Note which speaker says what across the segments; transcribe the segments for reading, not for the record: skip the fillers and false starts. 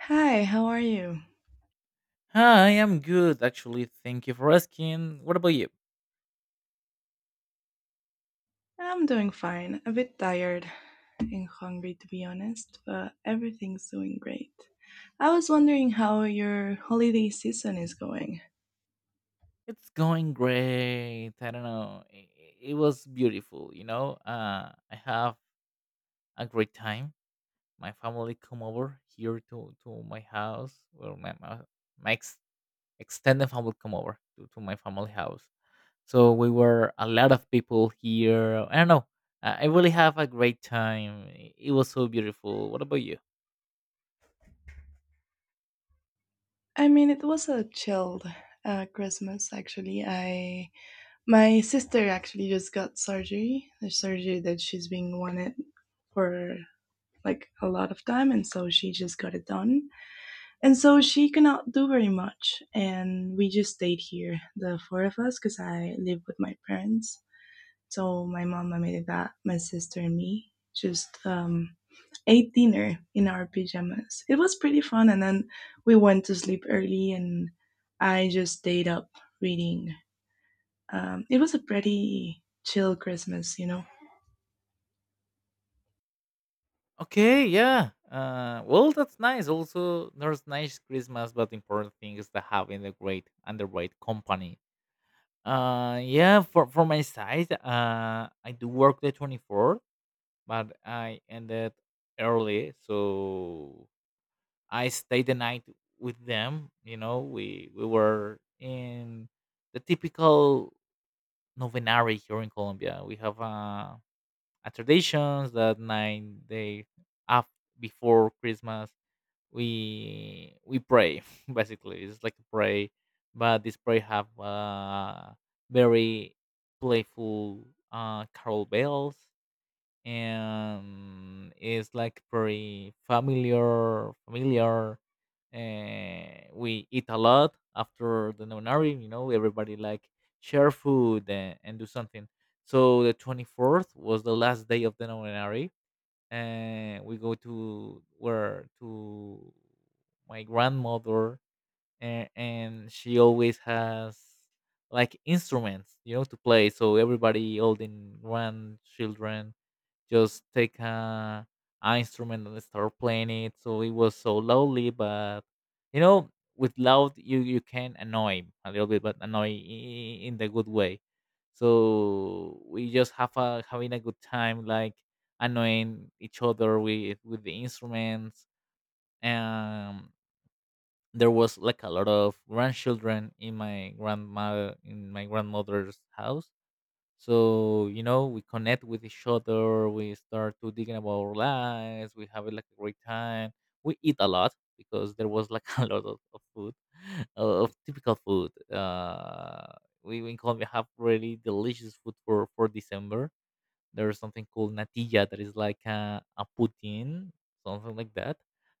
Speaker 1: Hi, how are you?
Speaker 2: Hi, I'm good actually. Thank you for asking. What about you?
Speaker 1: I'm doing fine. A bit tired and hungry, to be honest, but everything's doing great. I was wondering how your holiday season is going.
Speaker 2: It's going great. I don't know. It was beautiful, I have a great time. My family come over here to my house. Well, my extended family come over to my family house. So we were a lot of people here. I don't know. I really have a great time. It was so beautiful. What about you?
Speaker 1: I mean, it was a chilled Christmas actually. I my sister actually just got surgery, the surgery that she's been wanted for like a lot of time, and so she just got it done, and so she cannot do very much, and we just stayed here, the four of us, because I live with my parents. So my mom my made my sister and me just ate dinner in our pajamas. It was pretty fun, and then we went to sleep early, and I just stayed up reading. It was a pretty chill Christmas.
Speaker 2: Okay, yeah. Well, that's nice. Also, there's nice Christmas, but important thing is that having a great and the right company. Yeah. For my side, I do work the 24th, but I ended early, so I stayed the night with them. You know, we were in the typical novenary here in Colombia. We have a traditions that 9 day after before Christmas we pray basically it's like a pray but this pray have very playful carol bells, and it's like very familiar. We eat a lot after the nonary. Everybody like share food and do something. So the 24th was the last day of the nonary, and we go to where to my grandmother, and she always has like instruments, to play. So everybody, all the grandchildren, just take a instrument and start playing it. So it was so loudly, but you know, with loud you can annoy a little bit, but annoy in the good way. So we just have a having a good time, like annoying each other with the instruments. Um, there was like a lot of grandchildren in my grandmother's house, so we connect with each other. We start to thinking about our lives. We have like a great time. We eat a lot because there was like a lot of food, of typical food. We in Colombia have really delicious food for December. There's something called natilla that is like a poutine, something like that.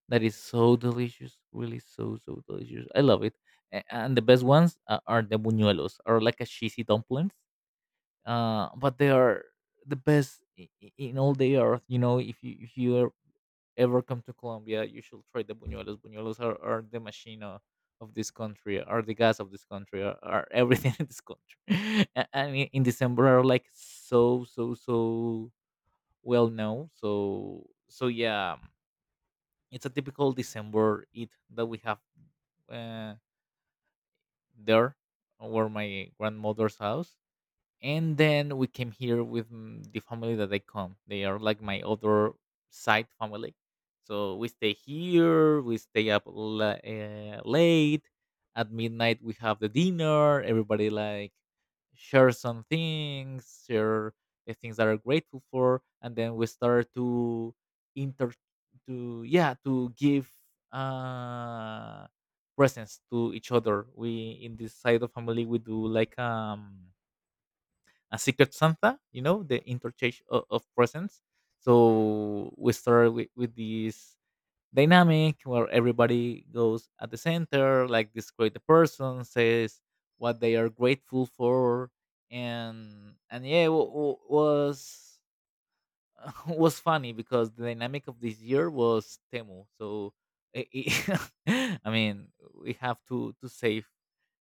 Speaker 2: That is so delicious, really so, so delicious. I love it. And the best ones are the buñuelos, or like a cheesy dumplings, but they are the best in all the earth. You know, if you ever come to Colombia, you should try the buñuelos. Buñuelos are the machina of this country, are the gas of this country, are everything in this country. And in December are like so, so, so well known. So yeah, it's a typical December eat that we have, uh, there, or my grandmother's house. And then we came here with the family that they are like my other side family, so we stay here, we stay up late. At midnight we have the dinner, everybody like share some things, share the things that are grateful for, and then we start inter to give uh presents to each other. We in this side of family we do like a secret Santa, you know, the interchange of presents. So we start with this dynamic where everybody goes at the center, like describe the person, says what they are grateful for, and yeah, it was was funny because the dynamic of this year was Temu. So i I I mean, we have to save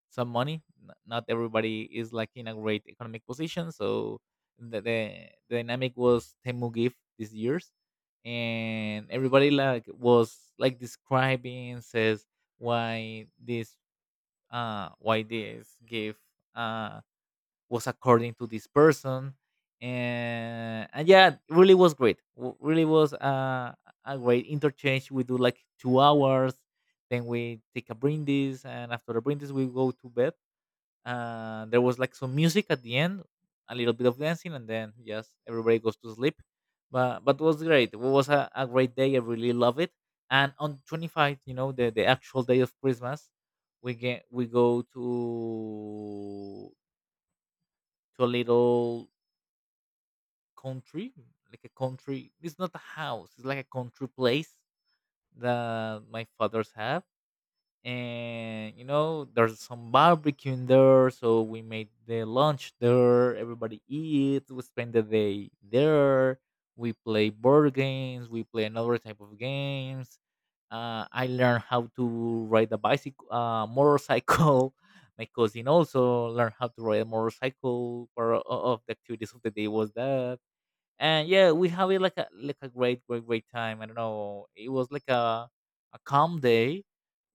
Speaker 2: some money. Not everybody is like in a great economic position, so the dynamic was Temu Gift this year's, and everybody like was like describing, says why this why this gift uh was according to this person. And yeah, it really was great. Really was a great interchange. We do like 2 hours, then we take a brindis, and after the brindis we go to bed. There was like some music at the end, a little bit of dancing, and then just everybody goes to sleep. But it was great. It was a great day. I really love it. And on 25th, you know, the actual day of Christmas, we go to a little country, like a country. It's not a house. It's like a country place that my fathers have, and there's some barbecue in there, so we made the lunch there, everybody eats, we spend the day there, we play board games, we play another type of games. I learned how to ride a bicycle, motorcycle. My cousin also learned how to ride a motorcycle, part of the activities of the day was that. And yeah, we have it like a great great, great time. I don't know, it was like a calm day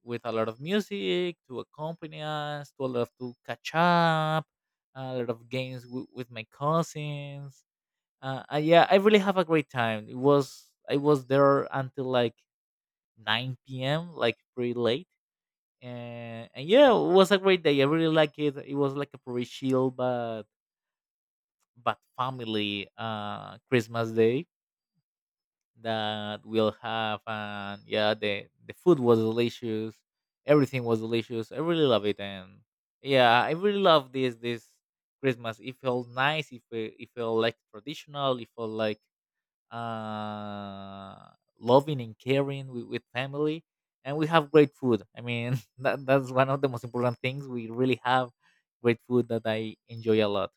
Speaker 2: with a lot of music to accompany us, to catch up, a lot of games with my cousins. Yeah, I really have a great time. It was i was there until like 9 p.m, like pretty late. And yeah, it was a great day. I really like it. It was like a pretty chill, but family Christmas day that we'll have. And yeah, the food was delicious. Everything was delicious. I really love it. And yeah, I really love this Christmas. It felt nice. It felt like traditional. It felt like uh loving and caring with family. And we have great food, I mean, that's one of the most important things. We really have great food that I enjoy a lot.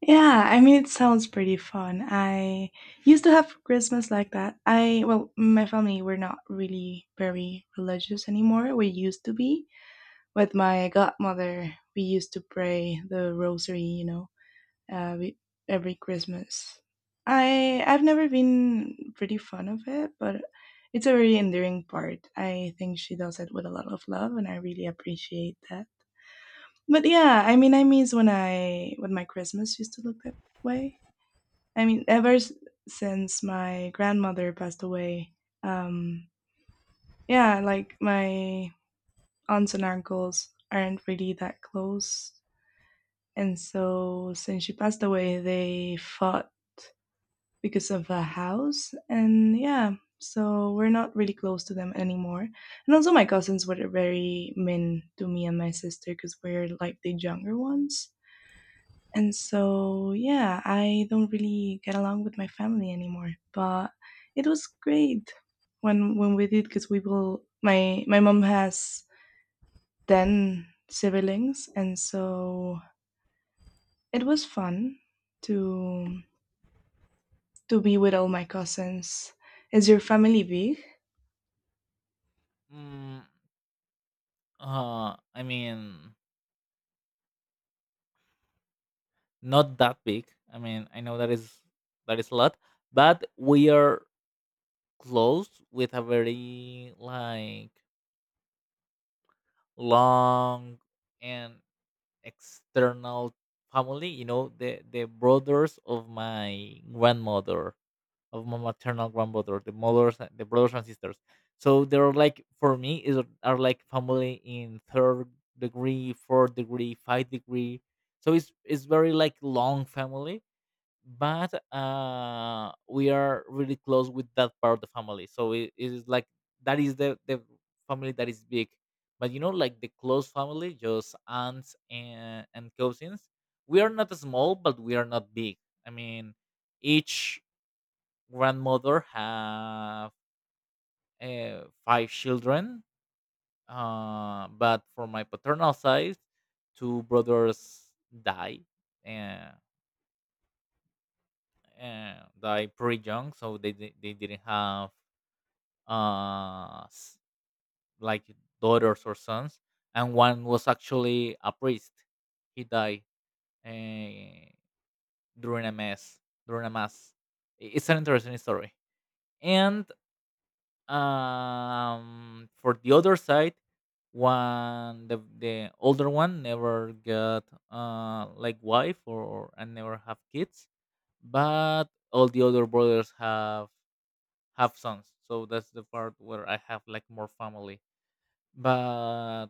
Speaker 1: Yeah, I mean, it sounds pretty fun. I used to have Christmas like that. I, well, my family, were not really very religious anymore. We used to be. With my godmother, we used to pray the rosary, uh, we, every Christmas. I've never been pretty fond of it, but it's a very endearing part. I think she does it with a lot of love, and I really appreciate that. But yeah, I mean, I miss when I when my Christmas used to look that way. I mean, since my grandmother passed away, um, yeah, like my aunts and uncles aren't really that close, and so since she passed away, they fought because of a house. And yeah, so we're not really close to them anymore. And also, my cousins were very mean to me and my sister because we're like the younger ones. And so yeah, I don't really get along with my family anymore, but it was great when we did, because we will my my mom has 10 siblings, and so it was fun to to be with all my cousins. Is your family big?
Speaker 2: mm, I mean, not that big. I mean, I know that is a lot, but we are close with a very like long and external family. You know, the brothers of my grandmother, of my maternal grandmother, the mothers, the brothers and sisters. So they're like, for me is, are like family in third degree, fourth degree, five degree. So it's very like long family, but we are really close with that part of the family, so it is like that is the family that is big. But like the close family, just aunts and cousins, we are not small but we are not big. I mean, each grandmother have five children. But for my paternal side, two brothers die eh, died pretty young, so they didn't have uh s- like daughters or sons, and one was actually a priest. He died uh, during a mass. During a mass, it's an interesting story. And for the other side, one the older one never got like wife or and never have kids, but all the other brothers have sons, so that's the part where I have like more family. but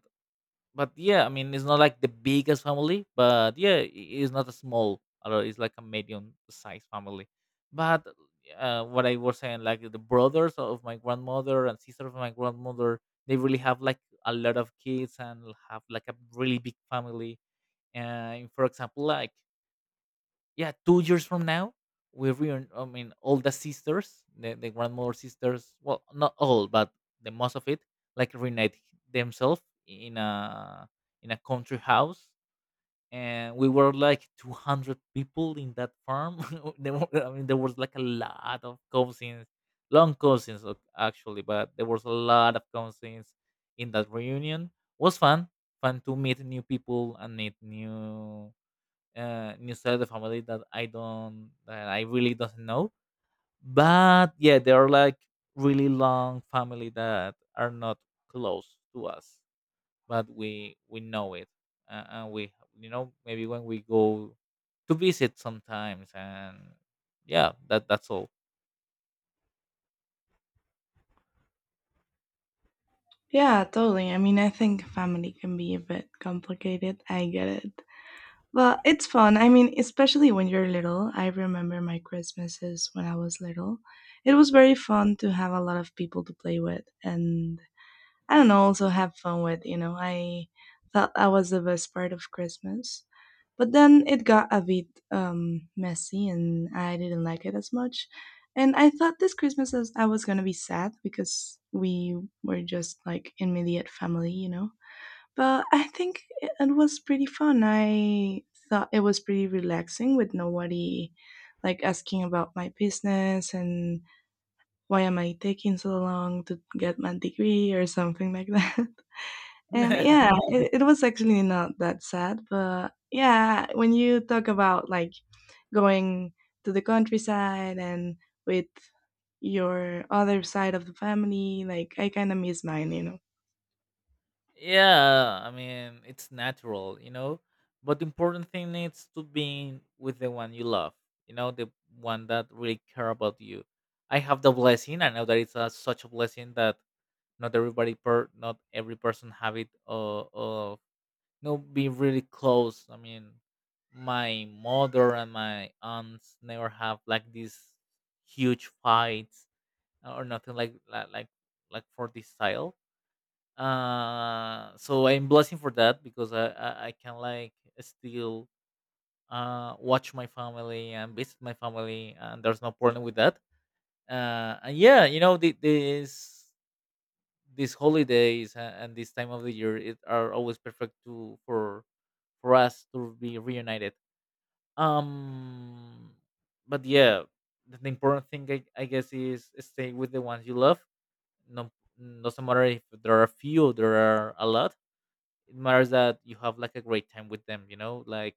Speaker 2: but yeah, I mean, it's not like the biggest family, but yeah, it's not a small, although it's like a medium sized family. But what I was saying, like the brothers of my grandmother and sister of my grandmother, they really have like a lot of kids and have like a really big family. And for example like yeah, 2 years from now, we reun. I mean, all the sisters, the grandmother sisters, well, not all, but the most of it, like reunite themselves in a country house, and we were like 200 people in that farm. I mean, there was like a lot of cousins, long cousins actually, but there was a lot of cousins in that reunion. Was fun, fun to meet new people and meet new, inside the family that I really doesn't know. But yeah, they are like really long family that are not close to us, but we know it, and we maybe when we go to visit sometimes, and yeah, that's all.
Speaker 1: Yeah, totally. I mean, I think family can be a bit complicated. I get it. But it's fun. I mean, especially when you're little. I remember my Christmases when I was little. It was very fun to have a lot of people to play with and, I don't know, also have fun with. I thought that was the best part of Christmas. But then it got a bit messy, and I didn't like it as much. And I thought this Christmas as I was going to be sad because we were just like immediate family. But I think it it was pretty fun. I thought it was pretty relaxing with nobody like asking about my business and why am I taking so long to get my degree or something like that. And yeah, it was actually not that sad. But yeah, when you talk about like going to the countryside and with your other side of the family, like, I kind of miss mine.
Speaker 2: Yeah, I mean, it's natural, you know. But the important thing is to be with the one you love, the one that really care about you. I have the blessing. I know that it's such a blessing that not every person have it. You know, be really close. I mean, my mother and my aunts never have like these huge fights or nothing like for this style. So I'm blessing for that because I can like still watch my family and visit my family, and there's no problem with that. And yeah, these holidays and this time of the year it are always perfect to for us to be reunited. um but yeah, the important thing I guess is stay with the ones you love. No, doesn't matter if there are a few there are a lot. It matters that you have like a great time with them, like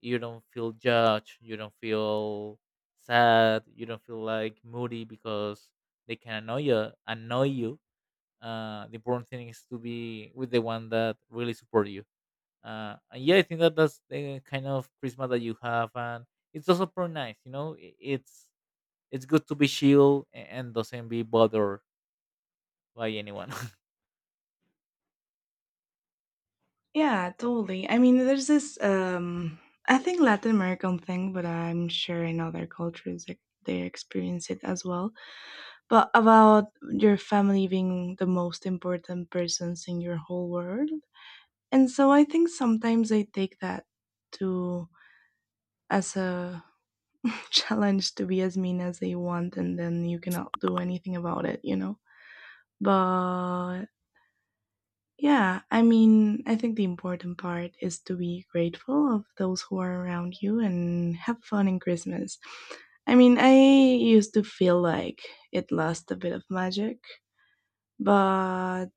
Speaker 2: you don't feel judged, you don't feel sad, you don't feel like moody because they can annoy you. The important thing is to be with the one that really support you. And yeah, I think that that's the kind of prisma that you have. And it's also pretty nice. It's good to be chill and doesn't be bothered by anyone.
Speaker 1: Yeah, totally. I mean, there's this I think Latin American thing, but I'm sure in other cultures like, they experience it as well. But about your family being the most important persons in your whole world. And so I think sometimes I take that to as a challenge to be as mean as they want, and then you cannot do anything about it, you know? But yeah, I mean, I think the important part is to be grateful of those who are around you and have fun in Christmas. I mean, I used to feel like it lost a bit of magic, but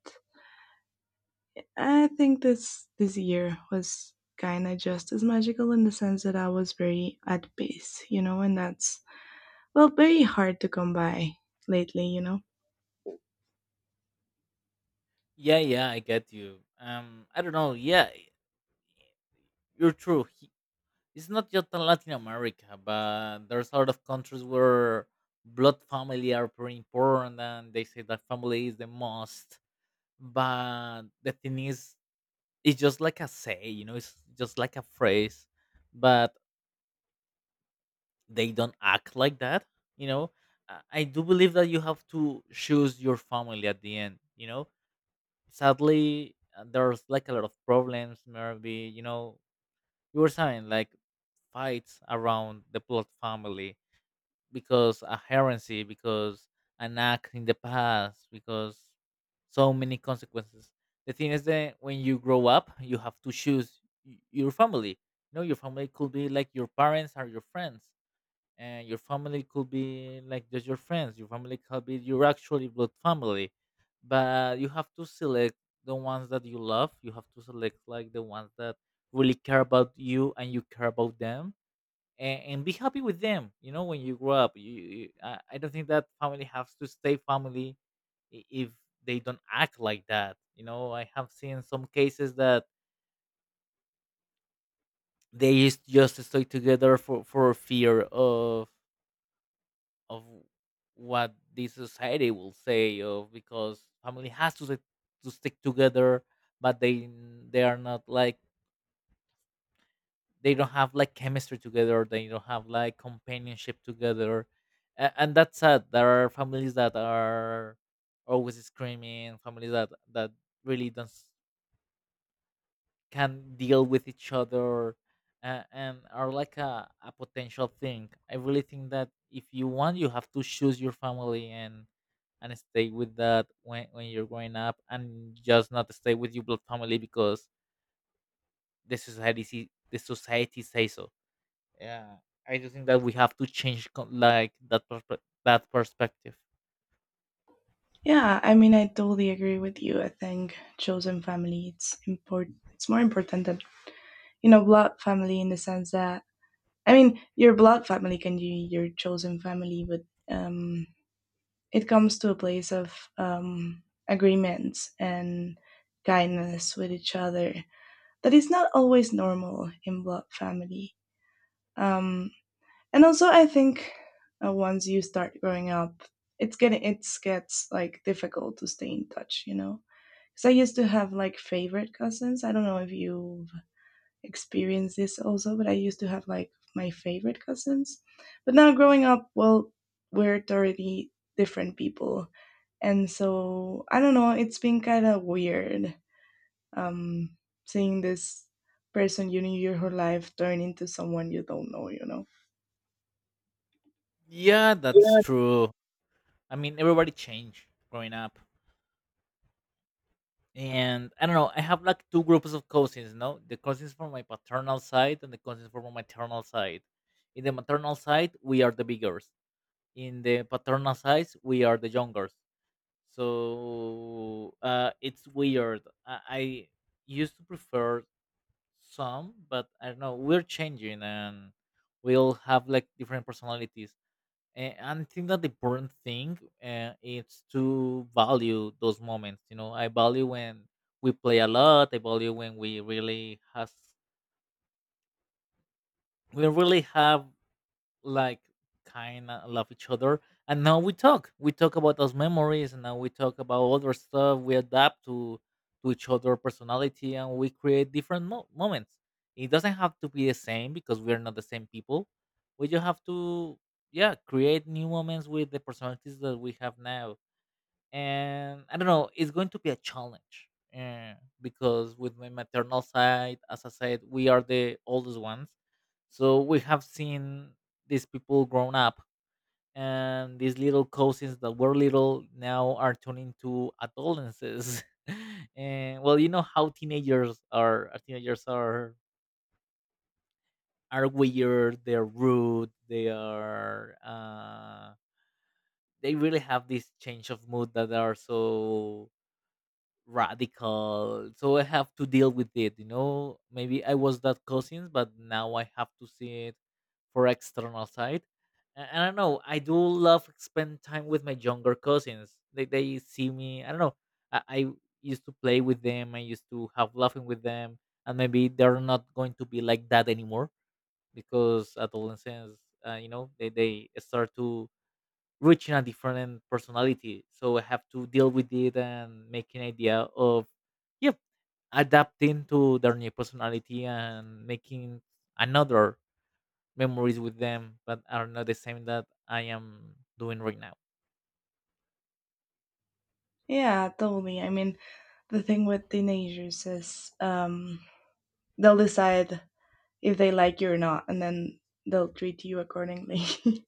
Speaker 1: I think this year was kind of just as magical in the sense that I was very at peace, you know, and that's well very hard to come by lately.
Speaker 2: Yeah, yeah, I get you. I don't know. Yeah, you're true. It's not just in Latin America, but there's a lot of countries where blood family are pretty important, and they say that family is the most. But the thing is, it's just like a say, it's just like a phrase, but they don't act like that, you know. I do believe that you have to choose your family at the end. Sadly, there's like a lot of problems, maybe, you were saying like fights around the blood family because a heresy, because an act in the past, because so many consequences. The thing is that when you grow up, you have to choose your family. No, your family could be like your parents or your friends, and your family could be like just your friends. Your family could be your actually blood family, but you have to select the ones that you love. You have to select like the ones that really care about you and you care about them, and be happy with them. When you grow up, I don't think that family has to stay family if they don't act like that. I have seen some cases that they used just stay together for fear of what the society will say of, because family has to stick together, but they are not like, they don't have like chemistry together, they don't have like companionship together. And that's sad. There are families that are always screaming, families that really don't can deal with each other. And are like a potential thing. I really think that if you want, you have to choose your family and stay with that when you're growing up, and just not stay with your blood family because the society says so. Yeah, I just think that we have to change like that perspective.
Speaker 1: Yeah, I mean, I totally agree with you. I think chosen family it's important. It's more important than, you know, blood family in the sense that, I mean, your blood family can be your chosen family, but um, it comes to a place of agreements and kindness with each other that is not always normal in blood family. Um, and also, I think once you start growing up, it gets like difficult to stay in touch, you know. Because I used to have like favorite cousins. I don't know if you experience this also, but I used to have like my favorite cousins. But now growing up, well, we're totally different people. And so I don't know, it's been kind of weird, um, seeing this person you knew your whole life turn into someone you don't know, you know?
Speaker 2: Yeah, that's
Speaker 1: Yeah,
Speaker 2: true. I mean, everybody changed growing up, and I don't know. I have like two groups of cousins. No, the cousins from my paternal side and the cousins from my maternal side. In the maternal side, we are the biggers. In the paternal side, we are the youngers. So it's weird. I used to prefer some, but I don't know. We're changing, and we'll have like different personalities. And I think that the important thing is to value those moments. You know, I value when we play a lot. I value when we really have like kind of love each other, and now we talk about those memories, and now we talk about other stuff. We adapt to each other personality, and we create different moments. It doesn't have to be the same because we're not the same people. We just have to, yeah, create new moments with the personalities that we have now. And I don't know, it's going to be a challenge, uh, because with my maternal side, as I said, we are the oldest ones, so we have seen these people grown up, and these little cousins that were little now are turning to adolescents. And well, you know how teenagers are. Teenagers are weird. They're rude. They are. They really have this change of mood that are so radical, so I have to deal with it. Maybe I was that cousins, but now I have to see it for external side. And I don't know, I do love spend time with my younger cousins. They see me. I don't know, I used to play with them, I used to have laughing with them, and maybe they're not going to be like that anymore because adolescents. You know, they start to reaching a different personality. So I have to deal with it and make an idea of, yep, adapting to their new personality and making another memories with them that are not the same that I am doing right now.
Speaker 1: yeah, totally. I mean, the thing with teenagers is, they'll decide if they like you or not, and then they'll treat you accordingly.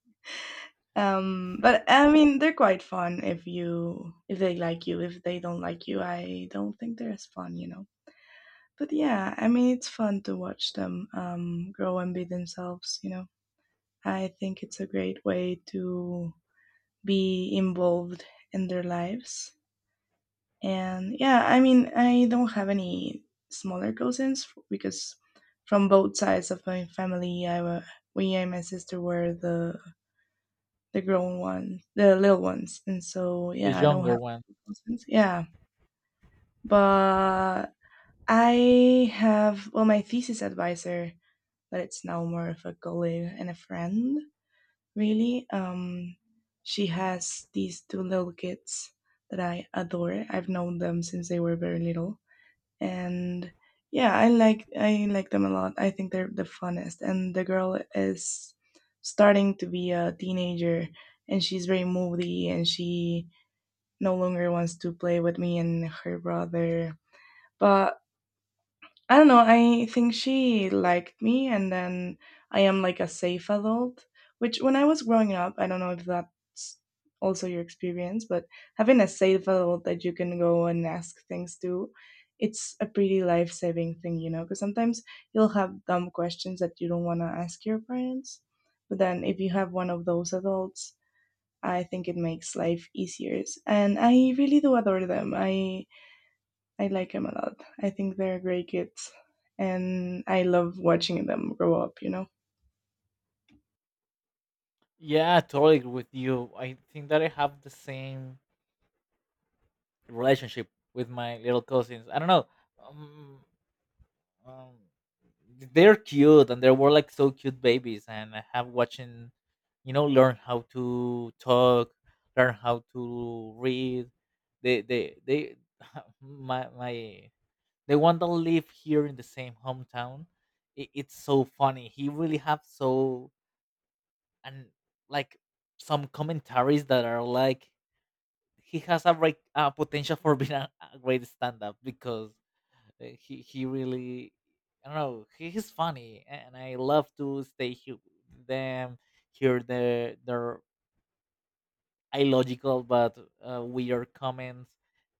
Speaker 1: But I mean, they're quite fun if they like you. If they don't like you, I don't think they're as fun, you know. But yeah, I mean, it's fun to watch them grow and be themselves, you know. I think it's a great way to be involved in their lives. And yeah, I mean, I don't have any smaller cousins because from both sides of my family we and my sister were the grown ones, the little ones. And so,
Speaker 2: The
Speaker 1: yeah, I don't have
Speaker 2: younger one.
Speaker 1: cousins. Yeah, but I have, well, my thesis advisor, but it's now more of a colleague and a friend, really. She has these two little kids that I adore. I've known them since they were very little, and yeah, I like, I like them a lot. I think they're the funnest, and the girl is starting to be a teenager, and she's very moody, and she no longer wants to play with me and her brother. But I don't know. I think she liked me, and then I am like a safe adult. Which, when I was growing up, I don't know if that's also your experience, but having a safe adult that you can go and ask things to, it's a pretty life saving thing, you know. Because sometimes you'll have dumb questions that you don't want to ask your parents, but then if you have one of those adults, I think it makes life easier. And I really do adore them. I like them a lot. I think they're great kids, and I love watching them grow up, you know?
Speaker 2: Yeah, I totally agree with you. I think that I have the same relationship with my little cousins. I don't know. Um, um they're cute, and they were like so cute babies, and I have watching, learn how to talk, learn how to read. They, my the one that live here in the same hometown, it's so funny. He really have so, and like, some commentaries that are like he has a great potential for being a great stand-up because he really, I don't know, he's funny, and I love to stay here with them, hear their illogical but weird comments.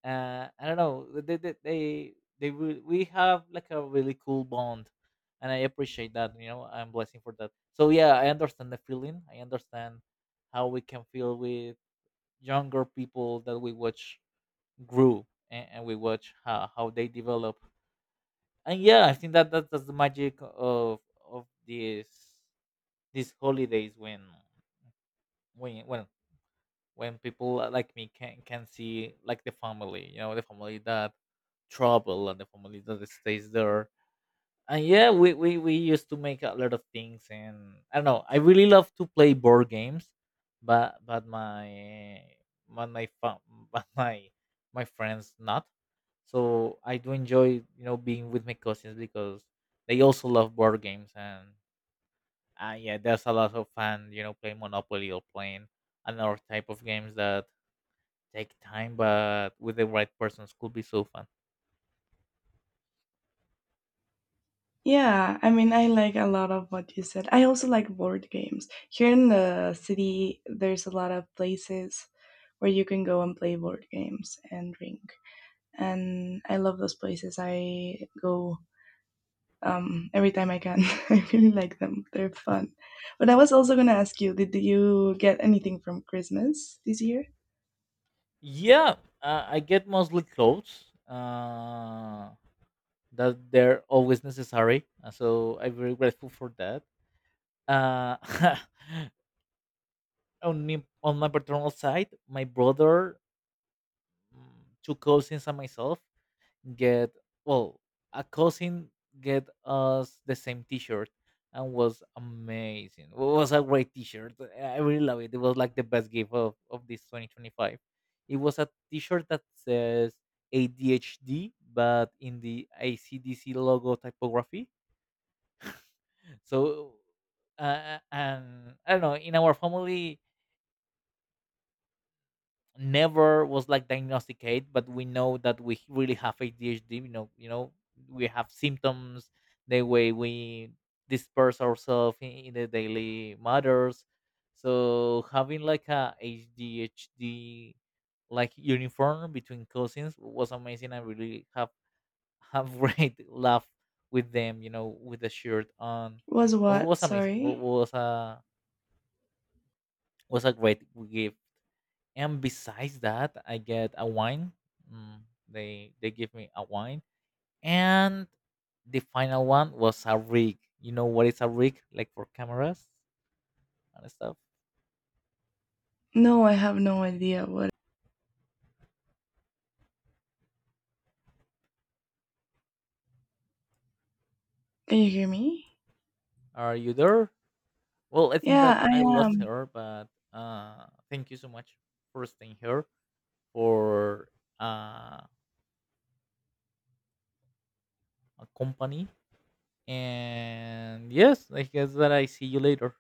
Speaker 2: I don't know, we have like a really cool bond, and I appreciate that. I'm blessing for that. So yeah, I understand the feeling. I understand how we can feel with younger people that we watch grew, and we watch how they develop. And yeah, I think that that's the magic of these holidays when when when people like me can see like the family. The family that travel and the family that stays there. And yeah, we used to make a lot of things, and I don't know, I really love to play board games, but but my but my fa- but my friends not. So I do enjoy, being with my cousins because they also love board games, and yeah, there's a lot of fun, playing Monopoly or playing another type of games that take time, but with the right persons could be so fun.
Speaker 1: Yeah, I mean, I like a lot of what you said. I also like board games. Here in the city, there's a lot of places where you can go and play board games and drink. And I love those places. I go every time I can. I really like them. They're fun. But I was also going to ask you, did you get anything from Christmas this year?
Speaker 2: Yeah, I get mostly clothes, that they're always necessary. So I'm very grateful for that. Uh, on me, on my paternal side, my brother, two cousins, and myself get well. A cousin get us the same T-shirt, and was amazing. It was a great T-shirt. I really love it. It was like the best gift of this 2025. It was a T-shirt that says ADHD, but in the AC/DC logo typography. So, and I don't know. In our family, never was like diagnosticated, but we know that we really have ADHD. We have symptoms. The way we disperse ourselves in the daily matters. So having like a ADHD like uniform between cousins was amazing. I really have great laugh with them. With the shirt on.
Speaker 1: Was
Speaker 2: It
Speaker 1: what?
Speaker 2: was amazing. It
Speaker 1: Sorry.
Speaker 2: was a great gift. And besides that, I get a wine. Mm, they give me a wine, and the final one was a rig. You know what is a rig, like for cameras and stuff?
Speaker 1: No, I have no idea what. Can you hear me?
Speaker 2: Are you there? Well, I think
Speaker 1: Yeah,
Speaker 2: that
Speaker 1: I
Speaker 2: I lost
Speaker 1: am.
Speaker 2: her, but thank you so much for staying here for, uh, a company. And yes, I guess that I see you later.